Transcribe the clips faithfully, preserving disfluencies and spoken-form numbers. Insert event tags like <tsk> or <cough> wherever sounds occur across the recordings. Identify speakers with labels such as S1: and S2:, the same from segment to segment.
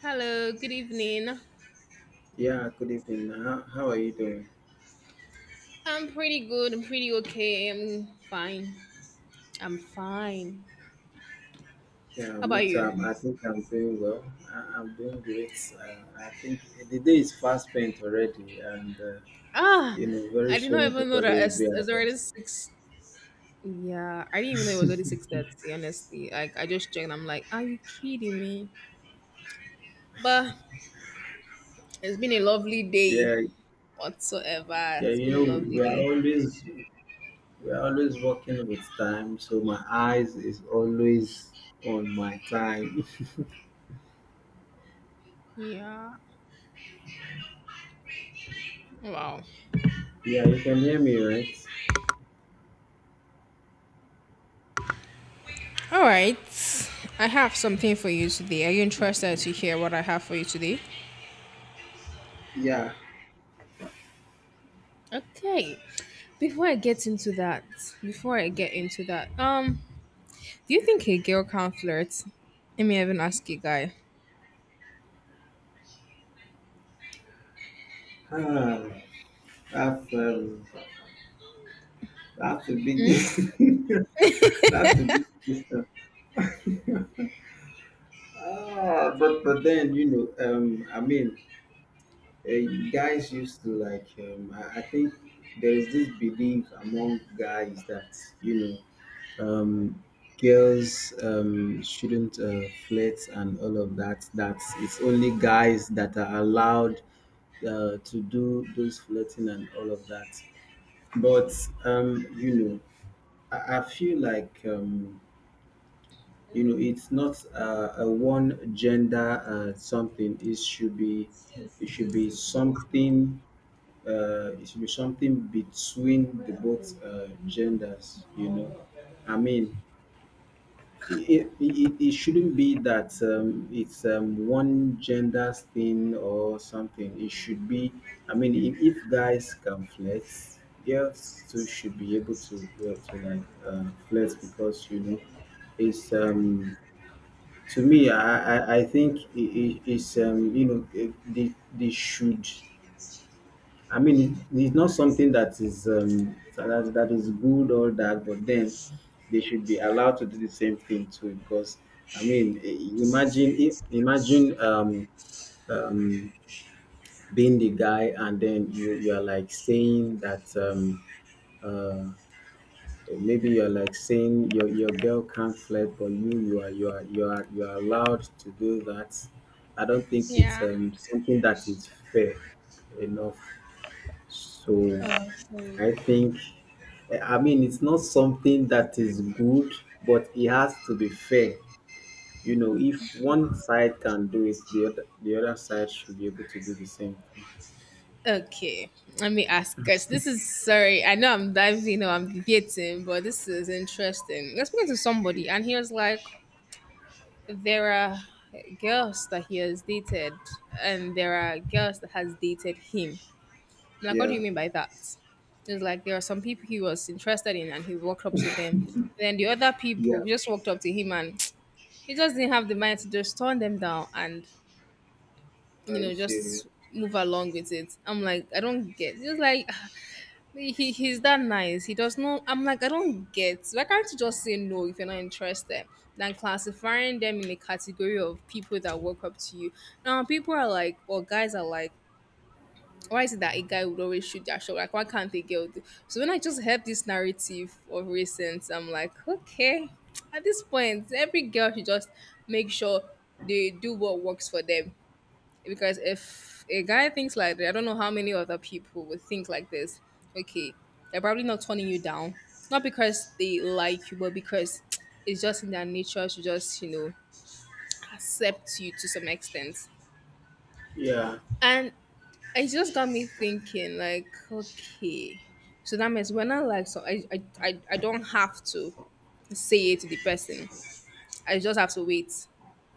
S1: Hello, good evening.
S2: Yeah, good evening. Uh, How, how are you doing?
S1: I'm pretty good. I'm pretty okay. I'm fine. I'm fine.
S2: Yeah,
S1: How
S2: me
S1: about
S2: too.
S1: you?
S2: I'm, I think I'm doing well. I, I'm doing great. Uh, I think the day is fast spent already, and uh,
S1: Ah,
S2: you know, very
S1: I did
S2: soon
S1: not even know
S2: everybody
S1: that
S2: will
S1: it's,
S2: be at
S1: it's already
S2: rest.
S1: six. Yeah, I didn't even know it was already six thirty. Honestly, like I just checked. I'm like, are you kidding me? But it's been a lovely
S2: Yeah,
S1: day. Whatsoever,
S2: yeah.
S1: it's
S2: You
S1: been
S2: know,
S1: a
S2: we,
S1: lovely
S2: we are
S1: day.
S2: always we are always working with time, so my eyes is always on my time.
S1: Yeah. Wow.
S2: <laughs> Yeah, you can hear me, right?
S1: All right. I have something for you today. Are you interested to hear what I have for you today?
S2: Yeah.
S1: Okay. Before I get into that, Before I get into that, um, do you think a girl can flirt? Let me even ask you, guy.
S2: Ah, that's um, that's the
S1: Hmm?
S2: biggest. <laughs> That's the biggest. <laughs> Ah, but but then you know, um, I mean, uh, you guys used to like. Um, I, I think there is this belief among guys that you know, um, girls um shouldn't uh, flirt and all of that. That it's only guys that are allowed uh, to do those flirting and all of that. But um, you know, I, I feel like um you know, it's not uh, a one gender uh, something. It should be, it should be something. Uh, it should be something between the both uh, genders. You know, I mean, it, it, it it shouldn't be that um, it's um, one gender's thing or something. It should be, I mean, if, if guys can flex, girls too should be able to, uh, to like uh, flex because, you know, it's um, to me, I I, I think it, it, it's um you know eh, they they should. I mean, it, it's not something that is um that, that is good or that, but then they should be allowed to do the same thing too. Because I mean, eh, imagine if imagine um um being the guy and then you you are like saying that um uh, Eh, maybe you're like saying your your girl can't flirt but you you are you are you are you are allowed to do that. I don't think it's
S1: Yeah.
S2: um something that is fair enough. So
S1: Oh, sorry.
S2: i think i I mean it's not something that is good but it has to be fair. You know, if one side can do it, the other the other side should be able to do the same thing.
S1: Okay, let me ask guys. This is sorry. I know I'm diving or I'm debating, but this is interesting. I was speaking to somebody, and he was like, "There are girls that he has dated, and there are girls that has dated him." Like, what do you
S2: Yeah.
S1: mean by that? It's like there are some people he was interested in and he walked up to them. Then the other
S2: Yeah.
S1: people just walked up to him and <tsk> he just didn't have the mind to just turn them down and,
S2: Are
S1: you
S2: you
S1: know,
S2: serious?
S1: just move along with it. I'm like, I don't get. It's like, <sighs> he, he- he's that nice. He does not. I'm like, I don't get. Why can't you just say no if you're not interested? Than classifying them in a category of people that walk up to you. Now, people are like, or guys are like, why is it that a guy would always shoot their shot? Like, why can't a girl do? So when I just heard this narrative of recent, I'm like, okay, at this point, every girl should just make sure they do what works for them. Because if a guy thinks like that, I don't know how many other people would think like this. Okay, they're probably not turning you down, not because they like you, but because <tsk> it's just in their nature to just, you know, accept you to some extent.
S2: Yeah.
S1: And it just got me thinking like, okay, so that means when I like, so I, I i i don't have to say it to the person. I just have to wait.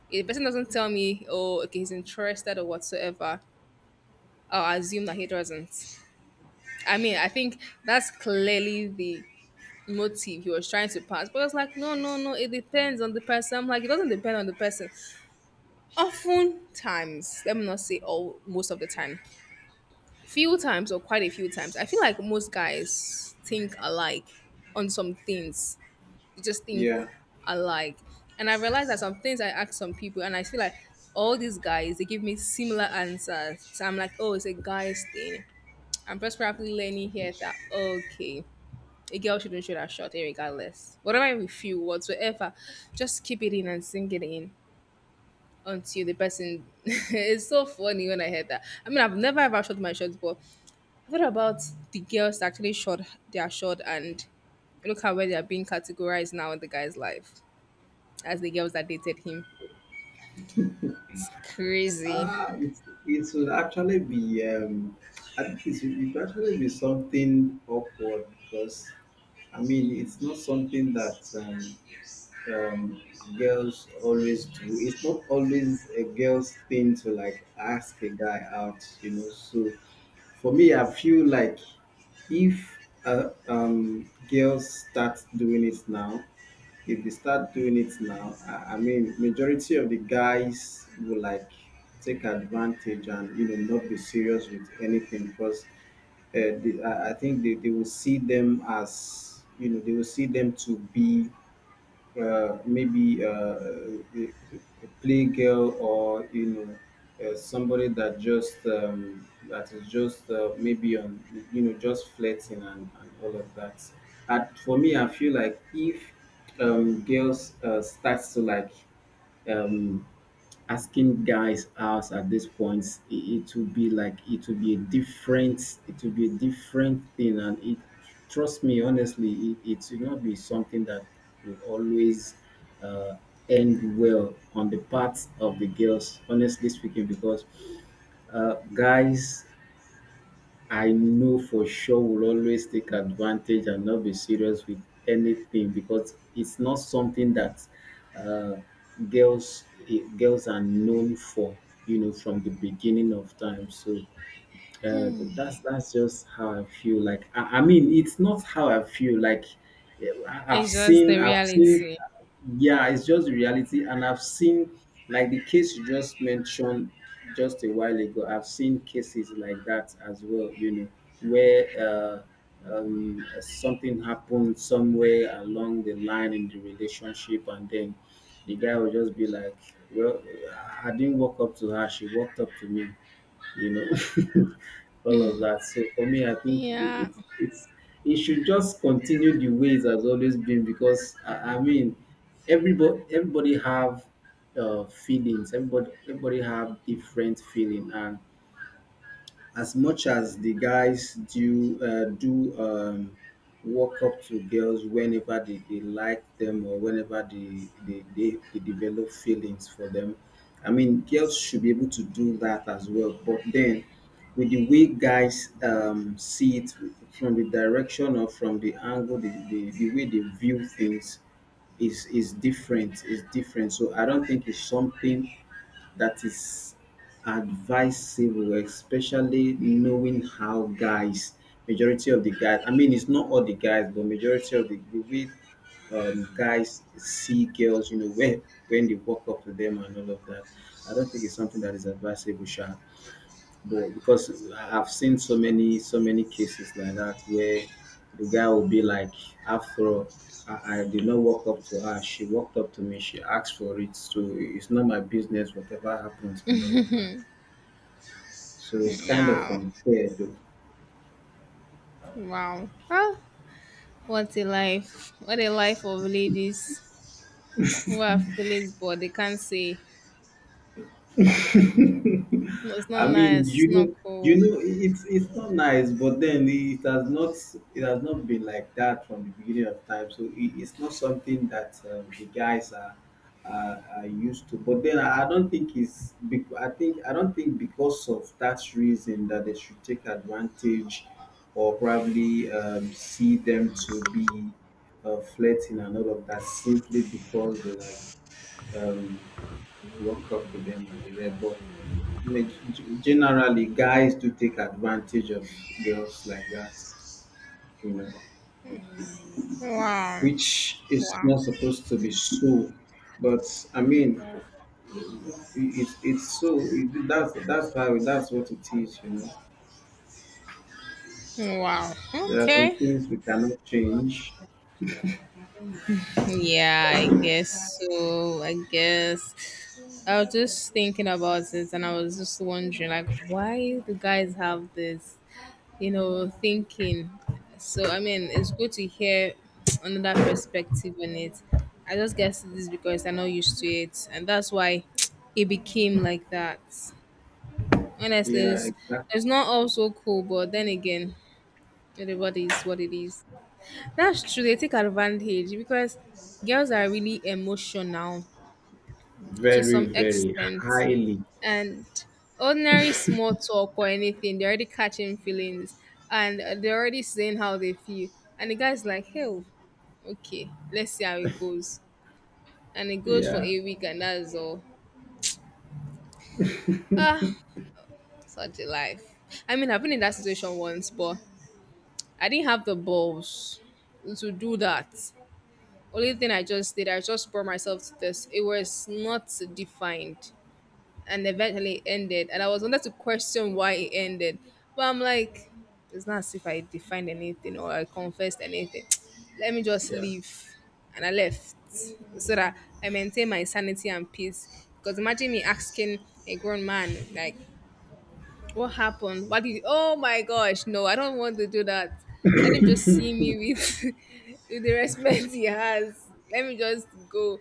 S1: If the person doesn't tell me, oh, okay, he's interested or whatsoever, I'll assume that he doesn't. I mean, I think that's clearly the motive he was trying to pass, but it's like, no no no it depends on the person. I'm like, it doesn't depend on the person often times. Let me not say all, most of the time. Few times or quite a few times. I feel like most guys think alike on some things. They just think
S2: Yeah.
S1: alike. And I realized that some things I ask some people and I feel like all these guys, they give me similar answers. So I'm like, oh, it's a guy's thing. I'm just probably learning here that okay, a girl shouldn't shoot her shot regardless. Whatever you feel whatsoever, just keep it in and sink it in until the person <laughs> it's so funny when I heard that. I mean, I've never ever shot my shots, but what about the girls that actually shot their shot and look how where they're being categorized now in the guy's life as the girls that dated him? Crazy.
S2: Ah, it's, it would actually be, um, I think it's, it would actually be something awkward because, I mean, it's not something that um, um, girls always do. It's not always a girl's thing to like ask a guy out, you know. So for me, I feel like if uh, um, girls start doing it now, if they start doing it now, I, I mean, majority of the guys will like take advantage and you know not be serious with anything because uh, the, I I think they, they will see them as you know they will see them to be uh, maybe uh, a, a playgirl or you know uh, somebody that just um, that is just uh, maybe on you know just flirting and, and all of that. And for me, I feel like if um, girls uh, starts to like um, asking guys out at this point it, it will be like it will be a different it will be a different thing and it trust me honestly it, it will not be something that will always uh, end well on the part of the girls, honestly speaking, because uh, guys I know for sure will always take advantage and not be serious with anything because it's not something that uh, girls eh, girls are known for, you know, from the beginning of time. So uh, that's that's just how I feel. Like I, I mean, it's not how I feel. Like eh, I- I've
S1: It's just the
S2: seen, I've seen.
S1: reality.
S2: Yeah, it's just the reality, and I've seen like the case you just mentioned just a while ago. I've seen cases like that as well. You know, where uh, um, something happened somewhere along the line in the relationship, and then the guy will just be like, "Well, I I didn't walk up to her; she walked up to me." You know, <laughs> all of that. So for me, I think i-
S1: Yeah.
S2: it's it's it should just continue the way it has always been because I, I mean, everybody everybody have uh, feelings. Everybody everybody have different feeling, and as much as the guys do uh, do um, walk up to girls whenever they, they like them or whenever they they, they they develop feelings for them, i mean girls should be able to do that as well. But then with the way guys um, see it, from the direction or from the angle the, the, the way they view things is is different is different. So i don't think it's something that is advisable, especially knowing how guys, majority of the guys, I mean, it's not all the guys, but majority of the, the way um, guys see girls, you know, when when they walk up to them and all of that. I don't think it's something that is advisable, Sha. But because I've seen so many so many cases like that where the guy will be like, after all, I, I did not walk up to her. She walked up to me. She asked for it. So it's not my business. Whatever happens and all of that. So it's kind of
S1: Yeah.
S2: unfair though.
S1: Wow. Well, what a life. What a life of ladies who have feelings but they can't say. No, it's not
S2: I mean,
S1: nice. It's
S2: you
S1: not
S2: know,
S1: cool.
S2: you know, i- it's it's not nice, but then it has not it has not been like that from the beginning of time. So it, it's not something that um, the guys are, are are used to. But then I I don't think it's bec- I think I don't think because of that reason that they should take advantage or probably um, see them to be uh, flirting and all of that simply because they like um, walk up to them and they read. But Maj- g- generally guys do take advantage of girls like that, you know,
S1: Wow.
S2: which is
S1: Wow.
S2: not supposed to be so. But i mean, i- it's it's so it, that's that's how that's what it is, you know.
S1: Wow.
S2: There are some
S1: Okay.
S2: things we cannot change.
S1: Yeah, I guess so. I guess I was just thinking about it and I was just wondering like, why do guys have this, you know, thinking. So I mean, it's good to hear <tsk> another perspective on it. I just guess it is because I'm not used to it and that's why <tsk> it became like that. Honestly,
S2: Yeah,
S1: it's,
S2: exactly.
S1: it's not also cool, but then again, everybody is what it is. That's true. They take advantage because girls are really emotional to some
S2: Very, very
S1: extent,
S2: highly.
S1: and ordinary small talk or anything, they're already catching feelings and uh, they're already saying how they feel. And the guy's like, "Hell, okay, let's see how it goes." And it goes for
S2: Yeah.
S1: a week, and that's all. Ah, such a life. I mean, I've been in that situation once, but I didn't have the balls to do that. Only thing I just did, I just brought myself to this. It was not defined and eventually ended. And I was wanted to question why it ended. But I'm like, it's not as if I defined anything or I confessed anything. <tsk> Let me just
S2: Yeah.
S1: leave. And I left so that I maintain my sanity and peace. Because imagine me asking a grown man, like, what happened? What did? Oh my gosh! No, I don't want to do that. Let him just see me with, <laughs> with the respect he has. Let me just go,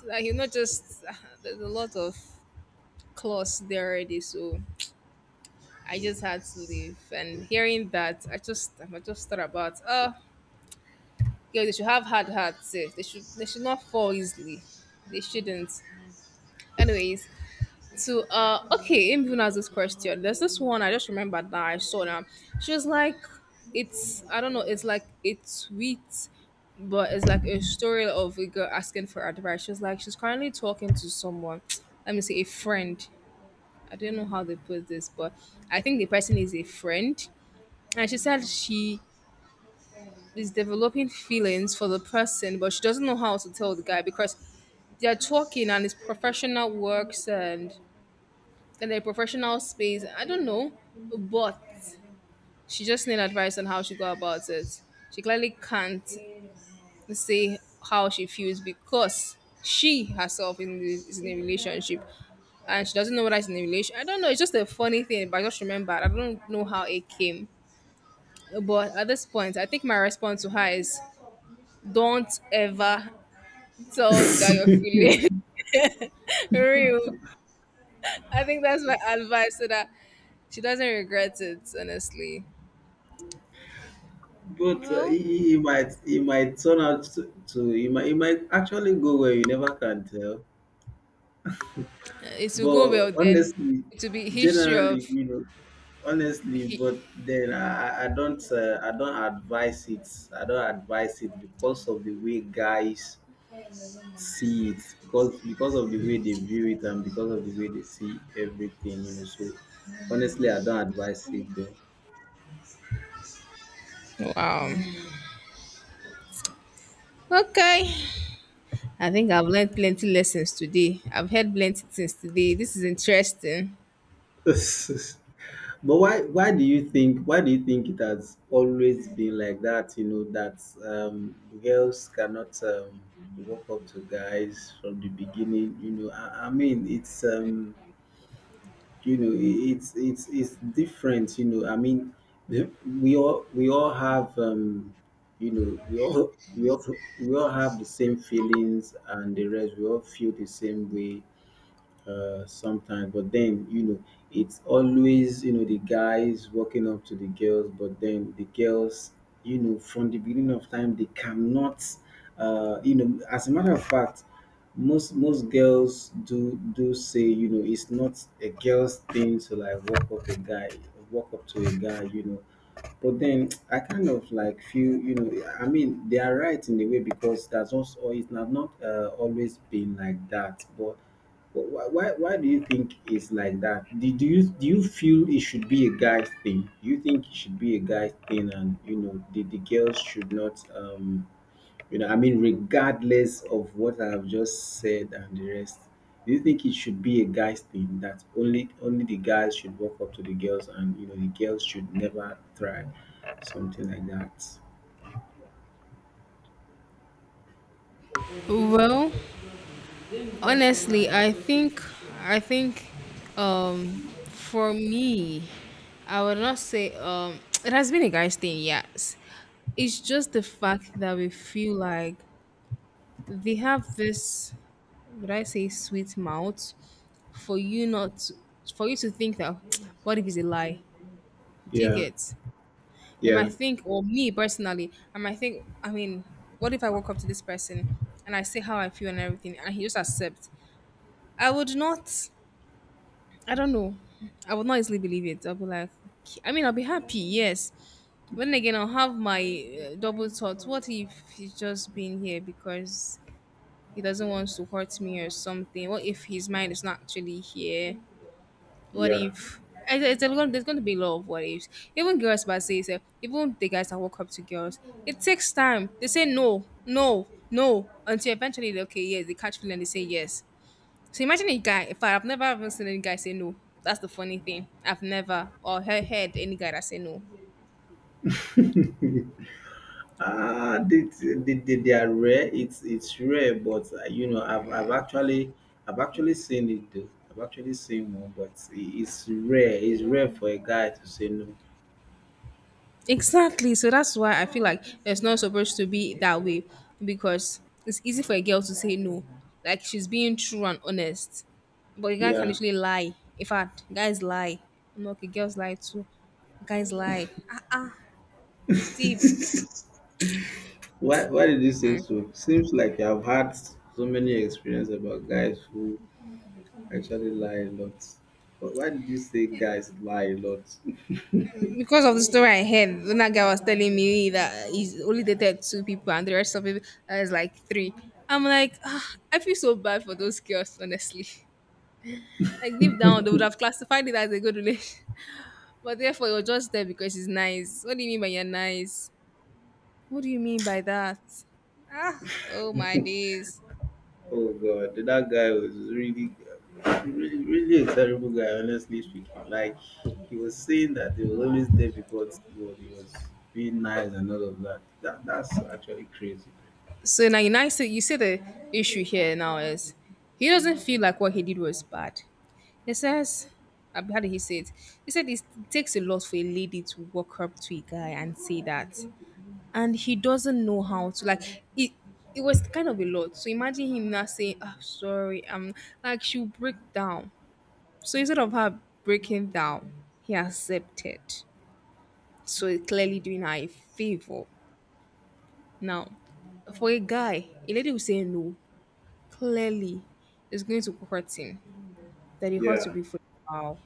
S1: so that he'll not just. <laughs> <sighs> There's a lot of claws there already, so I just had to leave. And hearing that, I just, I just thought about, oh, yeah, they should have hard hearts. Eh. They should, they should not fall easily. They shouldn't. Anyways, so, uh, okay, him even asked this question. There's this one I just remembered that I saw now. She was like, it's I don't know, it's like it's sweet, but it's like a story of a girl asking for advice. She's like, she's currently talking to someone. <tsk> Let me say a friend. I don't know how they put this, but I think the person is a friend. And she said she is developing feelings for the person, but she doesn't know how to tell the guy because they're talking and it's professional works and in a professional space. I don't know, but she just need advice on how she go about it. She clearly can't say how she feels because she herself in this, is in a relationship and she doesn't know whether it's in a relation. I don't know. It's just a funny thing, but I just remembered. I don't know how it came. But at this point, I think my response to her is don't ever tell
S2: <laughs>
S1: the guy you're feeling <laughs> real. I think that's my advice so that she doesn't regret it, honestly.
S2: But uh,
S1: Well,
S2: he, he might he might turn out to, to he, might, he might actually go where you never can tell
S1: it will go
S2: But
S1: well then.
S2: honestly,
S1: It will be history of.
S2: generally, you know, honestly,
S1: He-
S2: but then I, I I don't uh, I don't advise it. I don't advise it because of the way guys see it, because because of the way they view it and because of the way they see everything, you know. So honestly, I don't advise it though.
S1: wow. Okay. I think I've learned plenty lessons today. I've heard plenty things today. This is interesting.
S2: <laughs> But why why do you think why do you think it has always been like that, you know, that um girls cannot um walk up to guys from the beginning, you know. I, I mean it's um you know i- it's it's it's different, you know. I mean the- we all we all have um you know we all we all we all have the same feelings and the rest, we all feel the same way uh, sometimes. But then, you know, it's always, you know, the guys walking up to the girls, but then the girls, you know, from the beginning of time, they cannot, uh, you know, as a matter of fact, most most girls do do say you know it's not a girl's thing to like walk up a guy, walk up to a guy you know. But then <tsk> I kind of like feel, you know, I mean, they are right in a way because that's also it's not not uh, always been like that. But Wh- wh- Why, why do you think it's like that? Do, do you do you feel it should be a guy thing? Do you think it should be a guy thing, and you know the, the girls should not, um, you know, I mean, regardless of what I've just said and the rest, do you think it should be a guy's thing that only only the guys should walk up to the girls and you know the girls should never try something like that?
S1: Well, honestly, I think I think um for me, I would not say um <tsk> it has been a guy's thing, yes. It's just the fact that we feel like they have this, would I say, sweet mouth for you not to, for you to think that <tsk> what if it's a lie? Do you
S2: Yeah,
S1: get? They
S2: yeah,
S1: might think, or me personally, I might think, I mean, what if I walk up to this person and I say how I feel and everything and he just accepts? I would not, I don't know. I would not easily believe it. I'll be like, "Okay." I mean, I'll be happy, yes. But then again, I'll have my uh, double thoughts. What if he's just being here because he doesn't want to hurt me or something? What if his mind is not actually here? What
S2: yeah.
S1: if it's, it's a lot, there's going to be a lot of what ifs even girls but say say, even the guys that walk up to girls, it takes time, they say no no no until eventually they okay yes they catch feeling and they say yes. So imagine a guy, if I, I've never even seen any guy say no. That's the funny thing. I've never or he- heard any guy that say no.
S2: <laughs> Ah, they, they, they, they are rare. It's it's rare, but uh, you know, I've, I've actually I've actually seen it though. I've actually seen one, but it- it's rare. It's rare for a guy to say no.
S1: Exactly. So that's why I feel like it's not supposed to be that way because it's easy for a girl to say no. Like she's being true and honest. But a guy can
S2: Yeah.
S1: literally lie. In fact, guys lie. I'm like, okay, girls lie too. Guys lie. Ah, it's deep.
S2: <laughs> Why Why did you say so? Seems like I've had so many experiences about guys who actually lie a lot. But why did you say guys lie a lot?
S1: Because of the story I heard, when that guy was telling me that he's only dated two people and the rest of it is like three. I'm like, ah, I feel so bad for those girls, honestly. <laughs> Like deep down, they would have classified it as a good relation. But therefore, you're just there because it's nice. What do you mean by you're nice? What do you mean by that? Ah, oh my days.
S2: Oh god, that guy was really, really, really a terrible guy. Honestly speaking, like he was saying that he was always there because he was, he was being nice and all of that. That that's actually crazy.
S1: So now you nice. You see the issue here now is he doesn't feel like what he did was bad. He says, uh, how did he say it? He said it takes a lot for a lady to walk up to a guy and say that, and he doesn't know how to like it. It was kind of a lot. So imagine him not saying, "I'm sorry." I'm like she'll break down. So instead of her breaking down, he accepted. So he's clearly doing her a favor. Now, for a guy, a lady will say no. Clearly, it's going to hurt him. That he hurt to
S2: Yeah,
S1: be for a while.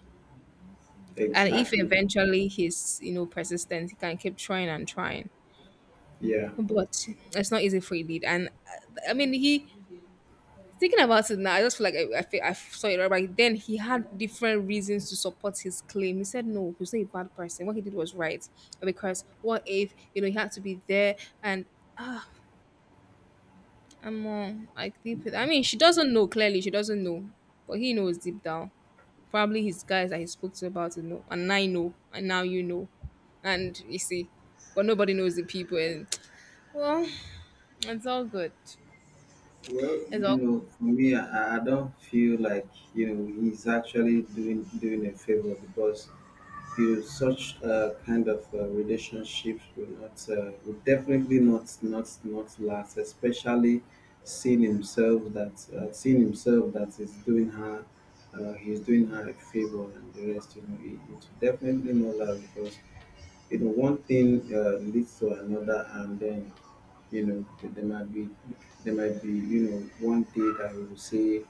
S1: And if
S2: exactly.
S1: eventually he's, you know, persistent, he can keep trying and trying.
S2: Yeah.
S1: But it's not easy for a lead. And uh, I mean, he thinking about it now, I just feel like I, I, feel, I saw it right back then. He had different reasons to support his claim. He said no, he was not a bad person. What he did was right because what if you know he had to be there and ah, I'm uh, like deep. I mean, she doesn't know clearly. She doesn't know, but he knows deep down. Probably his guys that he spoke to about it know, and I know, and now you know, and you see, but nobody knows the people. And <tsk> well, it's all good.
S2: Well,
S1: It's
S2: you
S1: all
S2: know, for me, I, I don't feel like you know he's actually doing doing a favor, because you such uh, kind of uh, relationships will not uh, will definitely not not not last, especially seeing himself that uh, seeing himself that is doing her, uh, he's doing her a favor, and the rest, you know it, it will definitely not last. Because you know one thing uh, leads to another, and then you know there might be there might be you know one day that he will say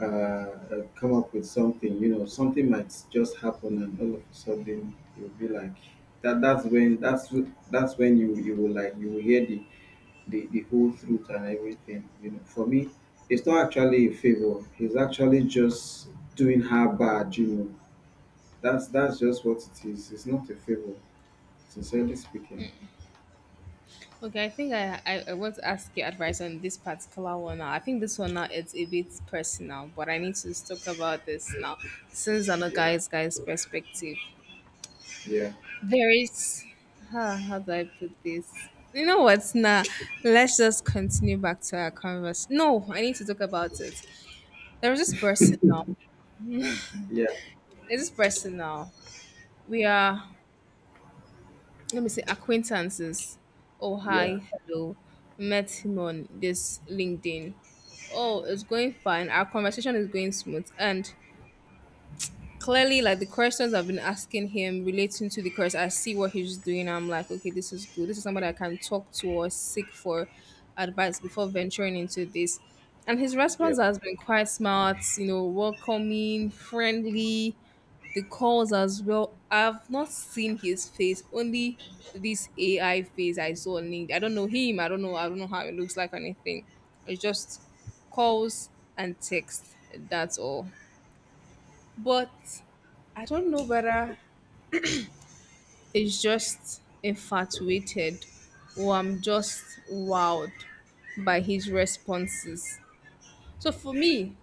S2: uh, uh, come up with something. You know, something might just happen, and all of a sudden you'll be like that. That's when that's w- that's when you you will like you will hear the the, the whole truth and everything. You know, for me, it's not actually a favor. He's actually just doing her bad. You know, that's that's just what it is. It's not a favor, sincerely speaking.
S1: okay. I think I, I, I want to ask your advice on this particular one now. I think this one now it's a bit personal, but I need to talk about this now since on a
S2: Yeah,
S1: guy's guy's perspective.
S2: yeah,
S1: There is how, how do I put this? You know what? Nah, let's just continue back to our converse. No, I need to talk about it. There was this person now.
S2: yeah,
S1: There's this person now. We are let me see acquaintances. Oh
S2: yeah,
S1: hi, hello. Met him on this LinkedIn. Oh, it's going fine. Our conversation is going smooth and clearly, like the questions I've been asking him relating to the course, I see what he's doing. I'm like, okay, this is good. This is somebody I can talk to or seek for advice before venturing into this. And his
S2: yeah,
S1: response has been quite smart, you know, welcoming, friendly. The calls as well. I've not seen his face, only this A I face I saw on LinkedIn. I don't know him. I don't know. I don't know how it looks like or anything. It's just calls and text. That's all. But I don't know whether it's just infatuated or I'm just wowed by his responses. So for me,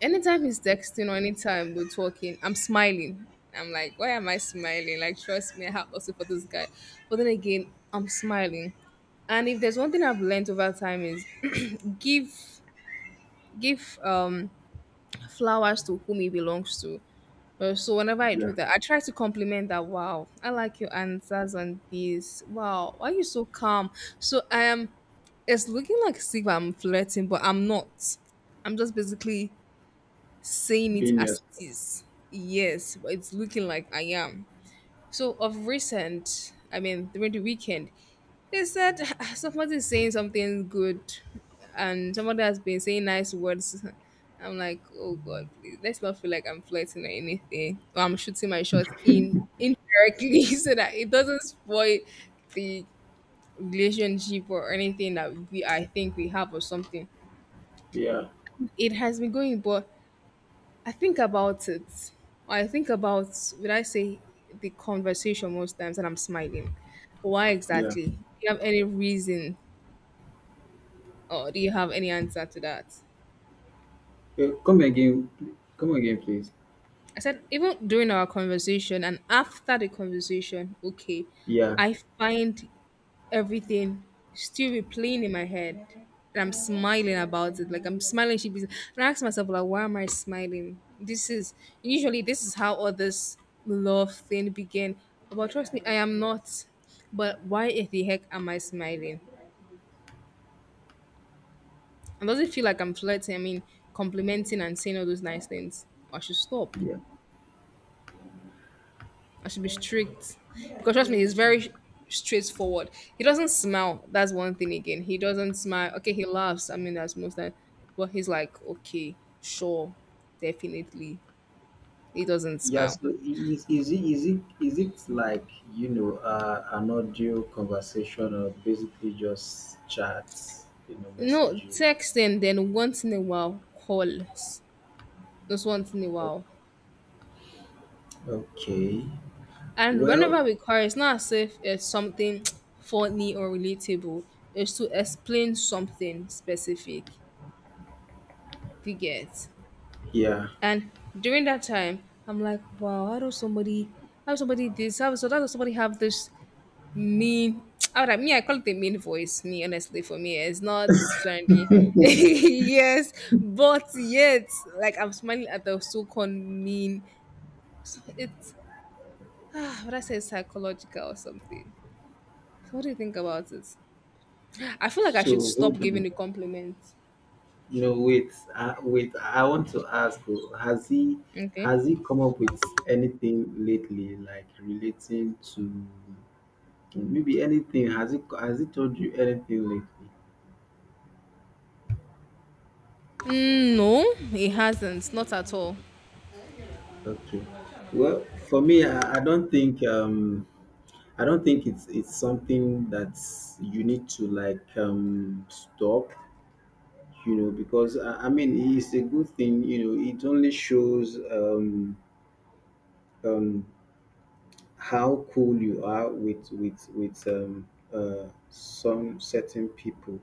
S1: anytime he's texting or anytime we're talking, I'm smiling. I'm like, why am I smiling? Like, trust me, I have also for this guy. But then again, I'm smiling. And if there's one thing I've learned over time is <clears throat> give give um flowers to whom it belongs to. Uh, so whenever I
S2: yeah.
S1: do that, I try to compliment that. Wow, I like your answers on this. Wow, why are you so calm? So I am. It's looking like as if I'm flirting, but I'm not. I'm just basically saying it
S2: Been.
S1: as it is. Yes, but it's looking like I am. So of recent, I mean during the weekend, is that <laughs> <sighs> somebody's saying something good and somebody has been saying nice words. <laughs> I'm like, oh God, please, let's not feel like I'm flirting or anything. Or I'm shooting my shot in indirectly <laughs> so that it doesn't spoil the relationship or anything that we I think we have or something.
S2: Yeah,
S1: It has been going, but I think about it. I think about, would I say, the conversation most times, and I'm smiling. Why
S2: yeah.
S1: exactly? Do you have any reason, or do you have any answer to that?
S2: Uh, come again, pl- come again, please.
S1: I said, even during our conversation and after the conversation, okay,
S2: Yeah.
S1: I find everything still replaying in my head. And I'm smiling about it. Like I'm smiling, she be and I ask myself, like, why am I smiling? This is usually this is how all this love thing began. But trust me, I am not. But why in the heck am I smiling? And does it feel like I'm flirting? I mean, complimenting and saying all those nice things. I should stop.
S2: Yeah.
S1: I should be strict. Because trust me, he's very straightforward. He doesn't smile. That's one thing again. He doesn't smile. Okay, he laughs. I mean, that's most time. But he's like, okay, sure, definitely. He doesn't
S2: Yeah,
S1: smile.
S2: so is, is it is it is it like you know uh, an audio conversation, or basically just chats, you know,
S1: No,
S2: messages?
S1: text and then once in a while calls. Just once in a while.
S2: Okay.
S1: And
S2: Well,
S1: whenever we call, it's not as if it's something <tsk> funny or relatable. It's to explain something specific. You get.
S2: yeah.
S1: And during that time, I'm like, wow, how does somebody, how does somebody this, how, so how does somebody have this mean, <tsk> how would I, me, I call it a mean voice, me, honestly, for me, it's not trendy. <laughs> yes, but yet, like, I'm smiling at the so-called mean, so it's, <sighs> ah, what I say, psychological or something. What do you think about it? I feel like I should
S2: So
S1: stop
S2: hold
S1: giving
S2: on.
S1: the compliments.
S2: No, wait. Uh, wait. I want to ask. Oh, Has he
S1: Okay.
S2: has he come up with anything lately, like relating to maybe anything? Has he has he told you anything lately?
S1: Mm, no, it hasn't. Not at all.
S2: Okay. Well, for me, I, I don't think um I don't think it's it's something that you need to like um stop, you know, because I, I mean it's a good thing. You know, it only shows um um how cool you are with with with um uh some certain people.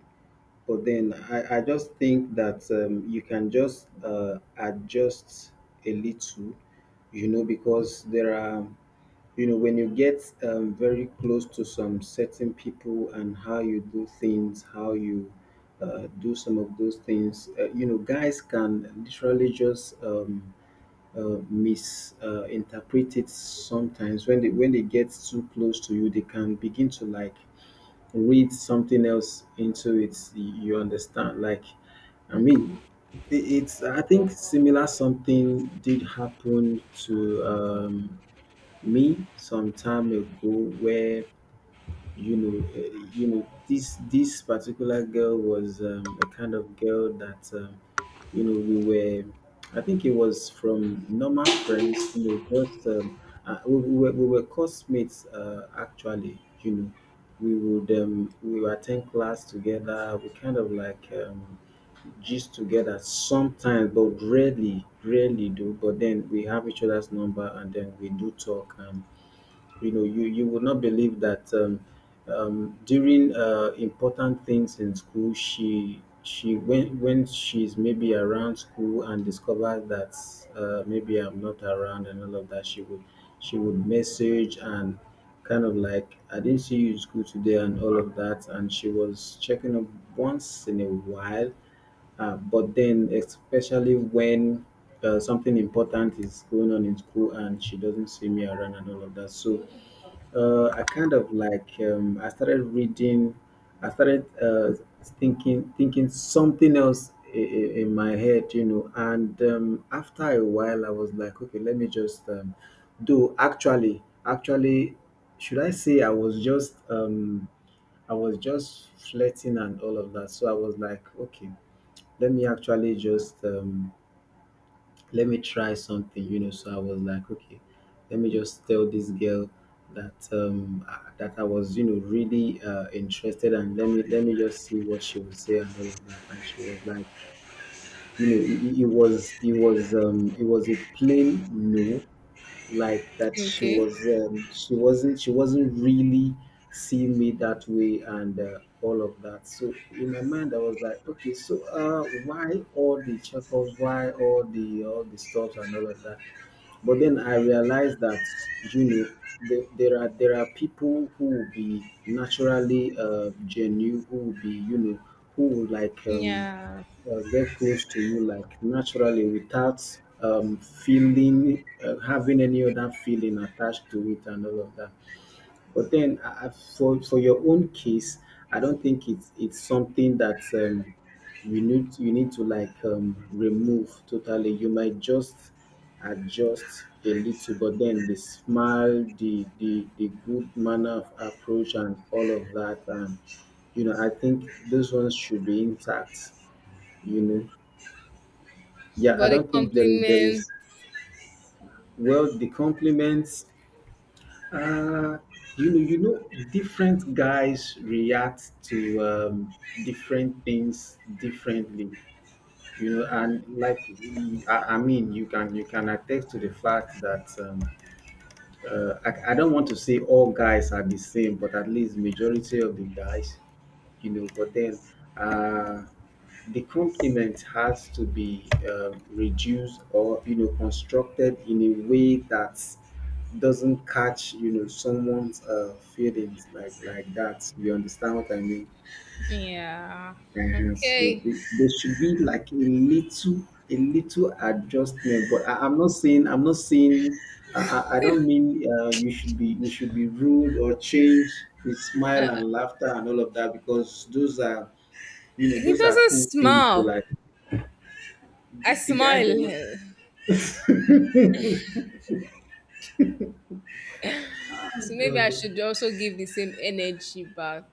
S2: But then, I, I just think that um, you can just uh, adjust a little, you know because there are you know when you get um, very close to some certain people, and how you do things how you uh, do some of those things. Uh, you know guys can literally just um, uh, misinterpret it sometimes. When they when they get too close to you, they can begin to like read something else into it. You you understand, like, I mean, it- it's, I think, similar. Something did happen to um me some time ago, where, you know, uh, you know, this this particular girl was, um, a kind of girl that, um, you know we were. I think it was from normal friends. You know, just, um, uh, we, we were we were classmates. Uh, actually, you know, we would um, we would attend class together. We kind of like um, gist together sometimes, but rarely, rarely do. But then we have each other's number, and then we do talk. And you know, you you would not believe that, um, um, during uh, important things in school, she she when when she's maybe around school and discovers that, uh, maybe I'm not around and all of that, she would she would message, and kind of like, I didn't see you in school today and all of that. And she was checking up once in a while, uh, but then, especially when uh, something important is going on in school and she doesn't see me around and all of that. So uh, I kind of like um, I started reading. I started uh, thinking thinking something else in, in my head, you know. And um, after a while, I was like, okay, let me just, um, do. Actually, actually, should I say I was just, um, I was just flirting and all of that. So I was like, okay, let me actually just um, let me try something, you know. So I was like, okay, let me just tell this girl that, um, I- that I was, you know, really uh, interested, and let me let me just see what she would say and all of that. And she was like, you know, it, it it was it was um, it was a plain no, like, that she
S1: Okay.
S2: was, um, she wasn't she wasn't really seeing me that way and uh, all of that. So in my mind, I was like, okay, so uh, why all the checkups? Why all the all the stuff and all of that? But then I realized that you know the, there are there are people who will be naturally uh, genuine, who will be you know who will like um,
S1: Yeah.
S2: uh, get close to you like naturally, without um, feeling uh, having any other feeling attached to it and all of that. But then, I, I, for for your own case, I don't think it's it's something that, um, you need you need to like um, remove totally. You might just adjust a little, but then the smile, the the the good manner of approach, and all of that, and you know, I think those ones should be intact. You know, yeah, I
S1: But a
S2: don't think there is— there
S1: compliment.
S2: is well the compliments. Uh, you know, you know, Different guys react to, um, different things differently. You know, and like you- you- I, I mean, you can you can attest to the fact that, um, uh, I, I don't want to say all guys are the same, but at least majority of the guys, you know. But then, uh, the compliment has to be, um, reduced, or you know constructed in a way that doesn't catch you know someone's uh, feelings like like that. You understand what I mean?
S1: Yeah.
S2: Uh-huh. So
S1: Okay.
S2: the- there should be like a little, a little adjustment. But I, I'm not saying, I'm not saying, I, I I don't mean uh, you should be— you should be rude or change the smile
S1: Uh,
S2: and laughter and all of that, because those are, you know,
S1: He
S2: those are
S1: doesn't
S2: cool things to
S1: smile.
S2: like. The,
S1: I
S2: the guy
S1: smile.
S2: doesn't.
S1: So maybe I
S2: Does
S1: should also give the same energy back.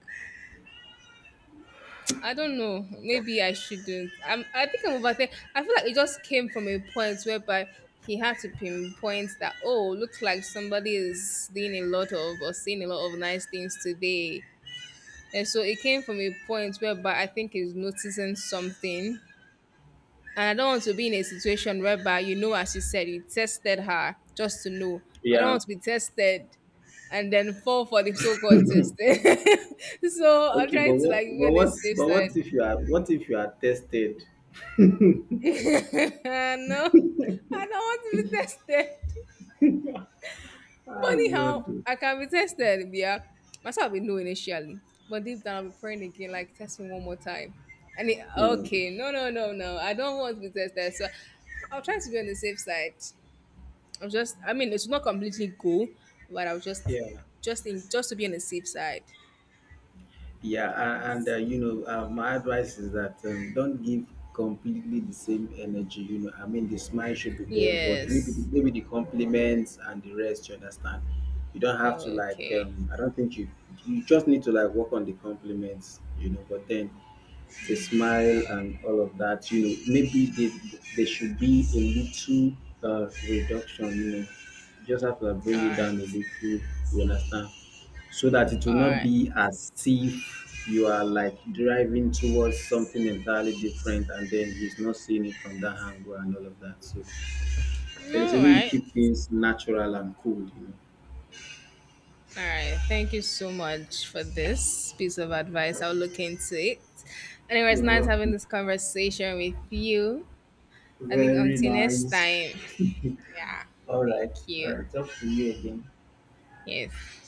S1: I don't know. Maybe I shouldn't. I'm, I think I'm overthinking. I feel like it just came from a point whereby he had to pinpoint that, oh, looks like somebody is doing a lot of or saying a lot of nice things today. And so it came from a point whereby I think he's noticing something. And I don't want to be in a situation whereby, you know, as you said, you tested her just to know. I don't
S2: Yeah.
S1: want to be tested and then fall for the so called testing. <laughs> so I'm
S2: Okay, but
S1: trying to
S2: what,
S1: like be
S2: but
S1: on the
S2: what,
S1: safe
S2: but
S1: side.
S2: what if you are, what if you are tested? <laughs> Oh,
S1: <laughs> no, I don't want to be tested. Funny how
S2: God.
S1: I can be tested, yeah. Myself, I'll be no initially, but deep down, I'll be praying again, like, test me one more time. And it,
S2: Hmm.
S1: okay, no, no, no, no, I don't want to be tested. So I'll try to be on the safe side. I was just I mean it's not completely go, but I was just
S2: Yeah.
S1: just in just to be on the safe side.
S2: Yeah, a- and uh, you know uh, my advice is that, um, don't give completely the same energy. you know I mean, the smile should be there, but maybe the—
S1: Yes.
S2: maybe the compliments and the rest, you understand. You don't have to like,
S1: Okay.
S2: um, I don't think you you just need to like work on the compliments, you know but then, the smile and all of that, you know maybe they there should be a little uh, reduction. You know you just have to, like,
S1: All
S2: bring it
S1: right.
S2: down a little, you understand. So that it will
S1: All
S2: not
S1: right.
S2: be as if you are like driving towards something entirely different, and then he's not seeing it from that angle and all of that. So there is a
S1: All
S2: way you
S1: right.
S2: keep things natural and cool, you
S1: All right. Thank you so much for this piece of advice. I'll look into it. Anyway, it's
S2: know.
S1: nice having
S2: Well,
S1: this conversation with you. I think
S2: very
S1: until next
S2: nice.
S1: time.
S2: <laughs>
S1: Yeah.
S2: All
S1: Thank
S2: right. All
S1: you.
S2: right. Talk to you again.
S1: Yes.